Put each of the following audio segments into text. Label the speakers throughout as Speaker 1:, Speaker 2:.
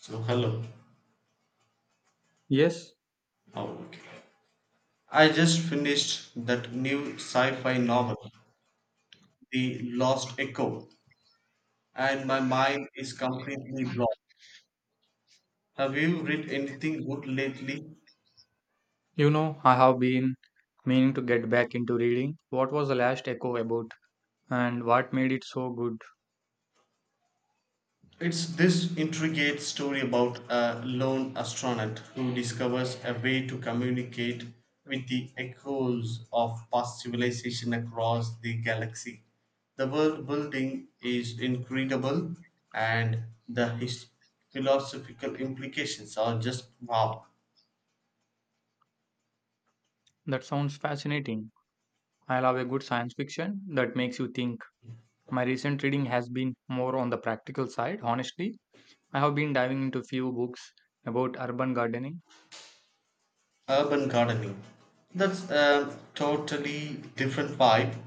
Speaker 1: So, hello.
Speaker 2: Yes,
Speaker 1: Oh, okay. I just finished that new sci fi novel, The Lost Echo, and my mind is completely blocked. Have you read anything good lately?
Speaker 2: you know, I have been meaning to get back into reading. What was the last echo about and what made it so good?
Speaker 1: It's this intricate story about a lone astronaut who discovers a way to communicate with the echoes of past civilization across the galaxy. The world building is incredible, and philosophical implications are just wow.
Speaker 2: That sounds fascinating. I love a good science fiction that makes you think. My recent reading has been more on the practical side, honestly. I have been diving into few books about urban gardening,
Speaker 1: Urban gardening. That's a totally different vibe.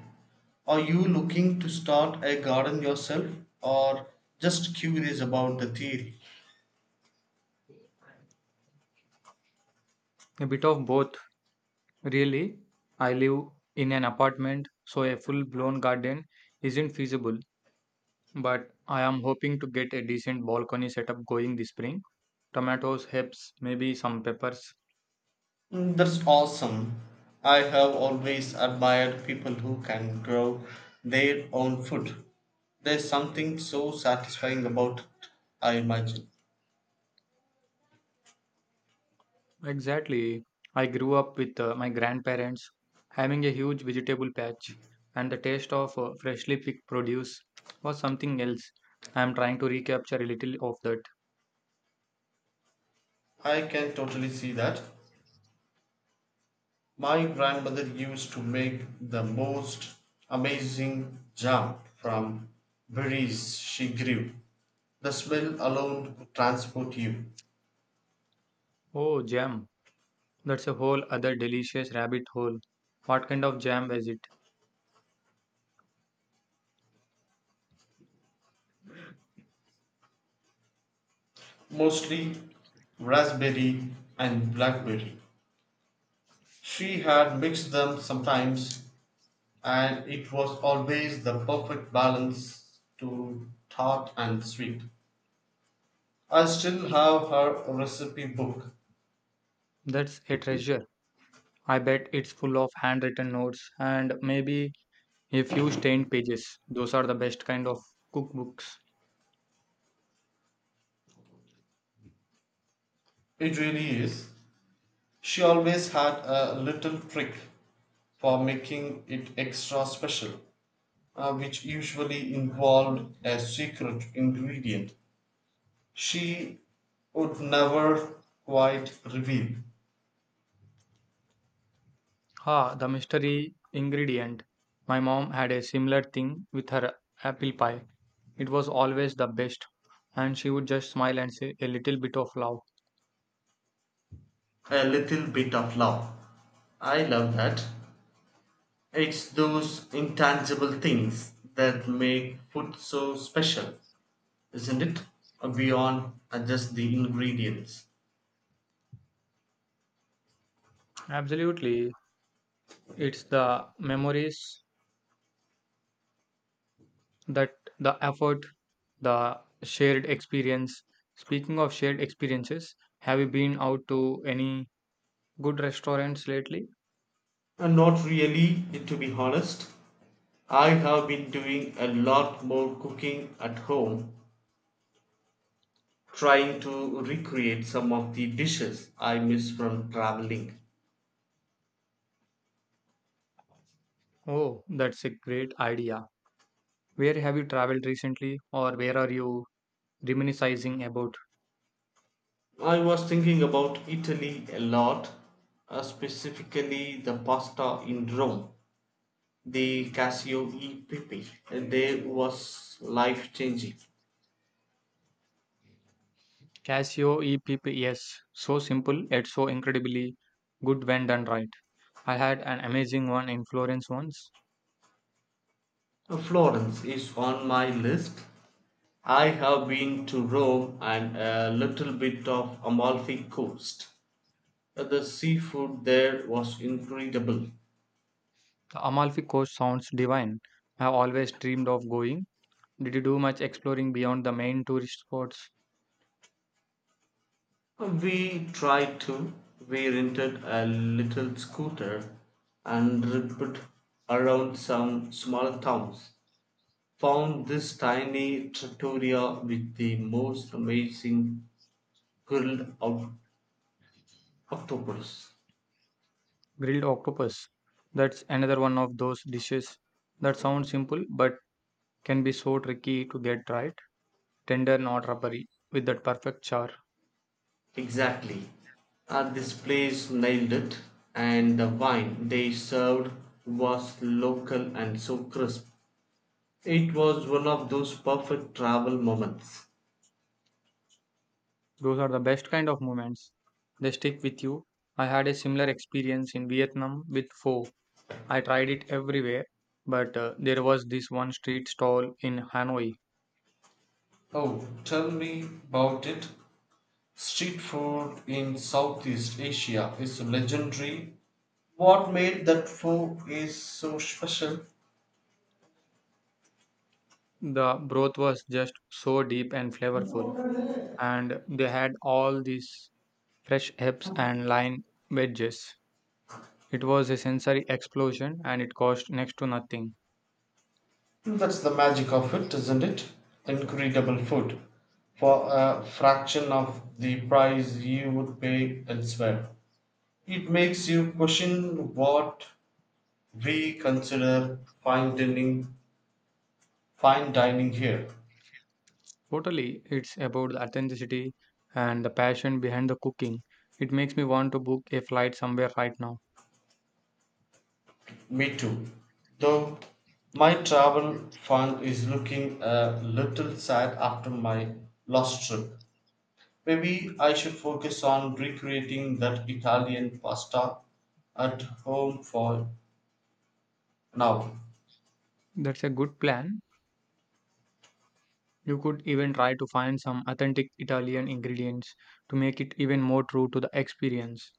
Speaker 1: Are you looking to start a garden yourself, or just curious about the theory?
Speaker 2: a bit of both, really. I live in an apartment, so a full-blown garden isn't feasible, but I am hoping to get a decent balcony setup going this spring. Tomatoes, herbs, maybe some peppers.
Speaker 1: That's awesome. I have always admired people who can grow their own food. There's something so satisfying about it, I imagine.
Speaker 2: Exactly. I grew up with my grandparents having a huge vegetable patch, and the taste of freshly picked produce was something else. I am trying to recapture a little of that.
Speaker 1: I can totally see that. My grandmother used to make the most amazing jam from berries she grew. The smell alone could transport you.
Speaker 2: Oh, jam. That's a whole other delicious rabbit hole. What kind of jam is it?
Speaker 1: Mostly raspberry and blackberry. She had mixed them sometimes, and it was always the perfect balance to tart and sweet. I still have her recipe book.
Speaker 2: That's a treasure. I bet it's full of handwritten notes and maybe a few stained pages. Those are the best kind of cookbooks.
Speaker 1: It really is. She always had a little trick for making it extra special, which usually involved a secret ingredient she would never quite reveal.
Speaker 2: Ha, the mystery ingredient. My mom had a similar thing with her apple pie. It was always the best, and she would just smile and say a little bit of love.
Speaker 1: A little bit of love. I love that. It's those intangible things that make food so special, isn't it? Beyond just the ingredients.
Speaker 2: Absolutely. It's the memories that the effort, the shared experience. Speaking of shared experiences, have you been out to any good restaurants lately?
Speaker 1: And not really, to be honest. I have been doing a lot more cooking at home, trying to recreate some of the dishes I miss from traveling.
Speaker 2: Oh, that's a great idea. Where have you traveled recently, or where are you reminiscing about?
Speaker 1: I was thinking about Italy a lot, specifically the pasta in Rome, the Casio e Pepe. They was life changing.
Speaker 2: Casio EPPS. So simple yet so incredibly good when done right. I had an amazing one in Florence once.
Speaker 1: Florence is on my list. I have been to Rome and a little bit of Amalfi Coast. The seafood there was incredible.
Speaker 2: The Amalfi Coast sounds divine. I've always dreamed of going. Did you do much exploring beyond the main tourist spots?
Speaker 1: We tried to. We rented a little scooter and ripped around some small towns. Found this tiny trattoria with the most amazing grilled octopus.
Speaker 2: Grilled octopus. That's another one of those dishes that sounds simple but can be so tricky to get right. Tender, not rubbery, with that perfect char.
Speaker 1: Exactly. This place nailed it, and the wine they served was local and so crisp. It was one of those perfect travel moments.
Speaker 2: Those are the best kind of moments. They stick with you. I had a similar experience in Vietnam with pho. I tried it everywhere, but there was this one street stall in Hanoi.
Speaker 1: Oh, tell me about it. Street food in Southeast Asia is legendary. What made that food is so special?
Speaker 2: The broth was just so deep and flavorful, and they had all these fresh herbs and lime wedges. It was a sensory explosion and it cost next to nothing.
Speaker 1: That's the magic of it, isn't it? Incredible food for a fraction of the price you would pay elsewhere. It makes you question what we consider fine dining here.
Speaker 2: Totally, it's about the authenticity and the passion behind the cooking. It makes me want to book a flight somewhere right now.
Speaker 1: Me too. Though my travel fund is looking a little sad after my last trip. Maybe I should focus on recreating that Italian pasta at home for now.
Speaker 2: That's a good plan. You could even try to find some authentic Italian ingredients to make it even more true to the experience.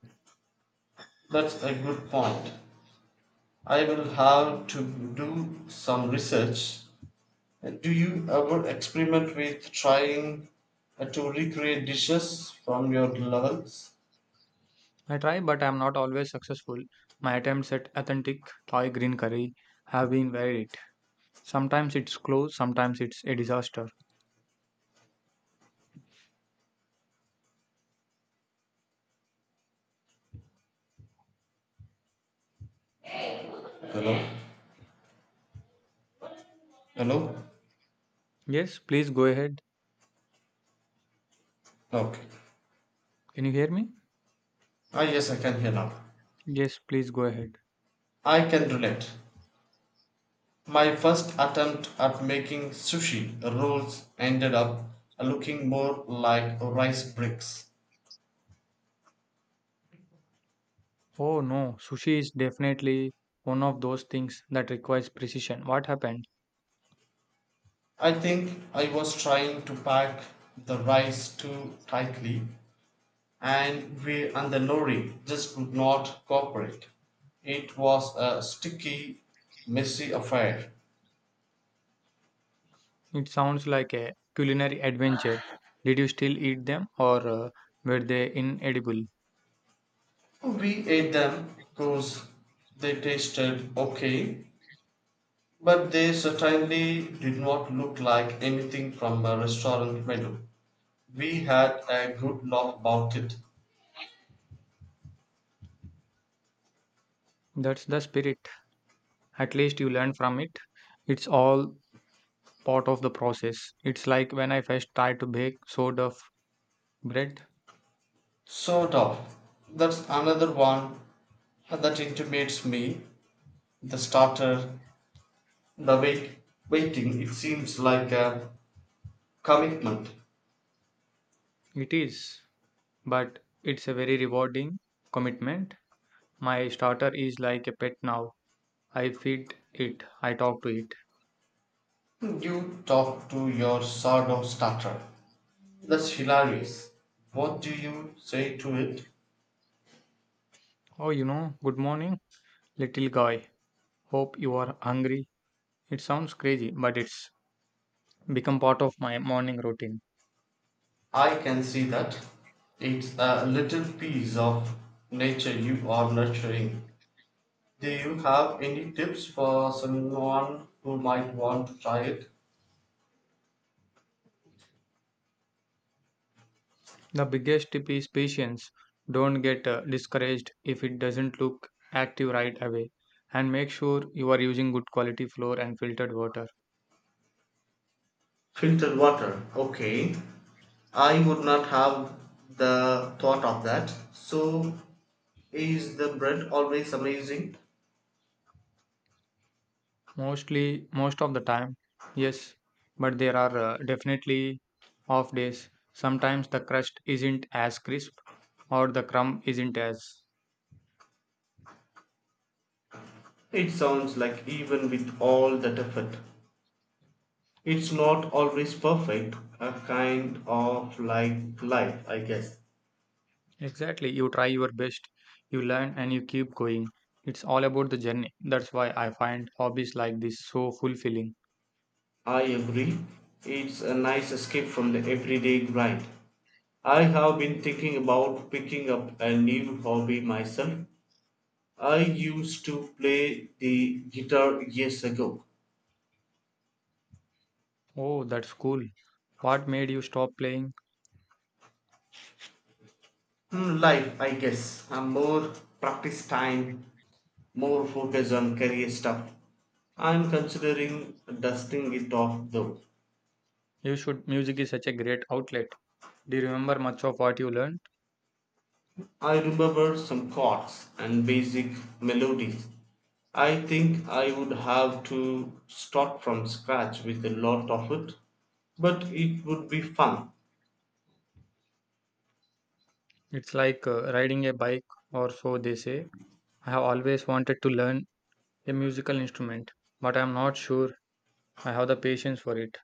Speaker 1: That's a good point. I will have to do some research. Do you ever experiment with trying to recreate dishes from your levels?
Speaker 2: I try, but I'm not always successful. My attempts at authentic Thai green curry have been varied. Sometimes it's close, sometimes it's a disaster.
Speaker 1: Hello? Hello?
Speaker 2: Yes, please go ahead.
Speaker 1: Okay.
Speaker 2: Can you hear me?
Speaker 1: Ah yes, I can hear now.
Speaker 2: Yes, please go ahead.
Speaker 1: I can relate. My first attempt at making sushi rolls ended up looking more like rice bricks.
Speaker 2: Oh no, sushi is definitely one of those things that requires precision. What happened?
Speaker 1: I think I was trying to pack the rice too tightly, and the lorry just would not cooperate. It was a sticky, messy affair.
Speaker 2: It sounds like a culinary adventure. Did you still eat them or were they inedible?
Speaker 1: We ate them because they tasted okay, but they certainly did not look like anything from a restaurant menu. We had a good laugh about it.
Speaker 2: That's the spirit. At least you learn from it. It's all part of the process. It's like when I first tried to bake sort of bread.
Speaker 1: Soda. That's another one that intimidates me. The starter, the wait, waiting, it seems like a commitment.
Speaker 2: It is, but it's a very rewarding commitment. My starter is like a pet now. I feed it, I talk to it.
Speaker 1: You talk to your sourdough starter. That's hilarious. What do you say to it?
Speaker 2: Oh, you know, good morning, little guy. Hope you are hungry. It sounds crazy, but it's become part of my morning routine.
Speaker 1: I can see that. It's a little piece of nature you are nurturing. Do you have any tips for someone who might want to try it?
Speaker 2: The biggest tip is patience. Don't get discouraged if it doesn't look active right away and make sure you are using good quality flour and filtered water.
Speaker 1: Filtered water. Okay. I would not have the thought of that. So, is the bread always amazing?
Speaker 2: Mostly, most of the time, yes, but there are definitely off days. Sometimes the crust isn't as crisp or the crumb isn't as.
Speaker 1: It sounds like even with all that effort, it's not always perfect. A kind of like life, I guess.
Speaker 2: Exactly, you try your best, you learn, and you keep going. It's all about the journey. That's why I find hobbies like this so fulfilling.
Speaker 1: I agree. It's a nice escape from the everyday grind. I have been thinking about picking up a new hobby myself. I used to play the guitar years ago.
Speaker 2: Oh, that's cool. What made you stop playing?
Speaker 1: Life, I guess. And more practice time, more focus on career stuff. I'm considering dusting it off though.
Speaker 2: You should. Music is such a great outlet. Do you remember much of what you learned?
Speaker 1: I remember some chords and basic melodies. I think I would have to start from scratch with a lot of it, but it would be fun.
Speaker 2: It's like riding a bike, or so they say. I have always wanted to learn a musical instrument, but I'm not sure I have the patience for it.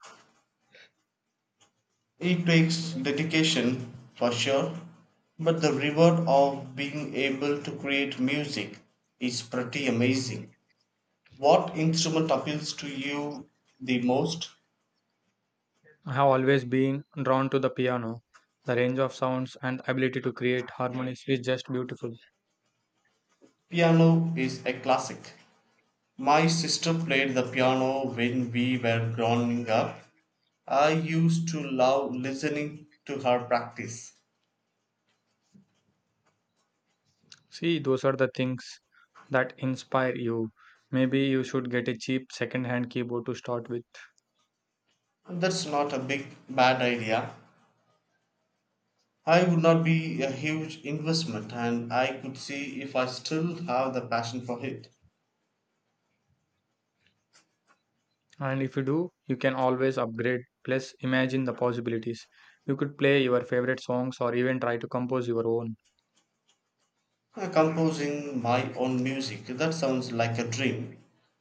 Speaker 1: It takes dedication for sure, but the reward of being able to create music is pretty amazing. What instrument appeals to you the most?
Speaker 2: I have always been drawn to the piano. The range of sounds and ability to create harmonies is just beautiful.
Speaker 1: Piano is a classic. My sister played the piano when we were growing up. I used to love listening to her practice.
Speaker 2: See, those are the things that inspire you. Maybe you should get a cheap second hand keyboard to start with.
Speaker 1: That's not a big bad idea. I would not be a huge investment, and I could see if I still have the passion for it.
Speaker 2: And if you do, you can always upgrade. Plus, imagine the possibilities. You could play your favorite songs or even try to compose your own.
Speaker 1: Composing my own music, that sounds like a dream.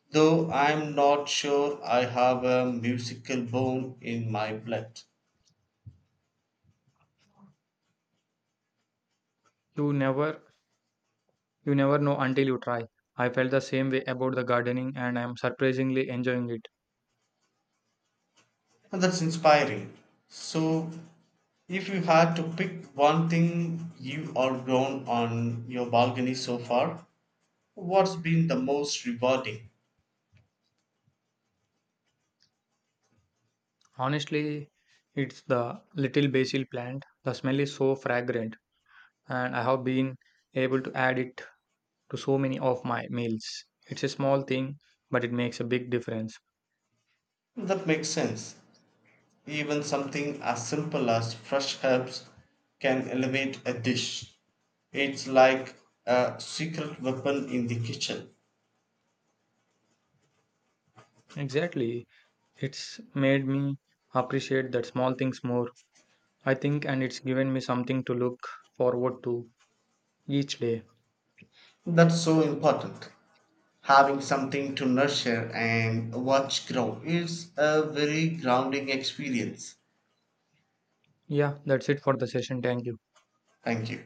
Speaker 1: Though I'm not sure I have a musical bone in my blood.
Speaker 2: You never you never know until you try. I felt the same way about the gardening and I am surprisingly enjoying it.
Speaker 1: And that's inspiring. So, if you had to pick one thing you are grown on your balcony so far, what's been the most rewarding?
Speaker 2: Honestly, it's the little basil plant. The smell is so fragrant and I have been able to add it to so many of my meals. It's a small thing, but it makes a big difference.
Speaker 1: That makes sense. Even something as simple as fresh herbs can elevate a dish. It's like a secret weapon in the kitchen.
Speaker 2: Exactly. It's made me appreciate that small things more I think, and it's given me something to look forward to each day.
Speaker 1: That's so important. Having something to nurture and watch grow is a very grounding experience.
Speaker 2: Yeah, that's it for the session. Thank you.
Speaker 1: Thank you.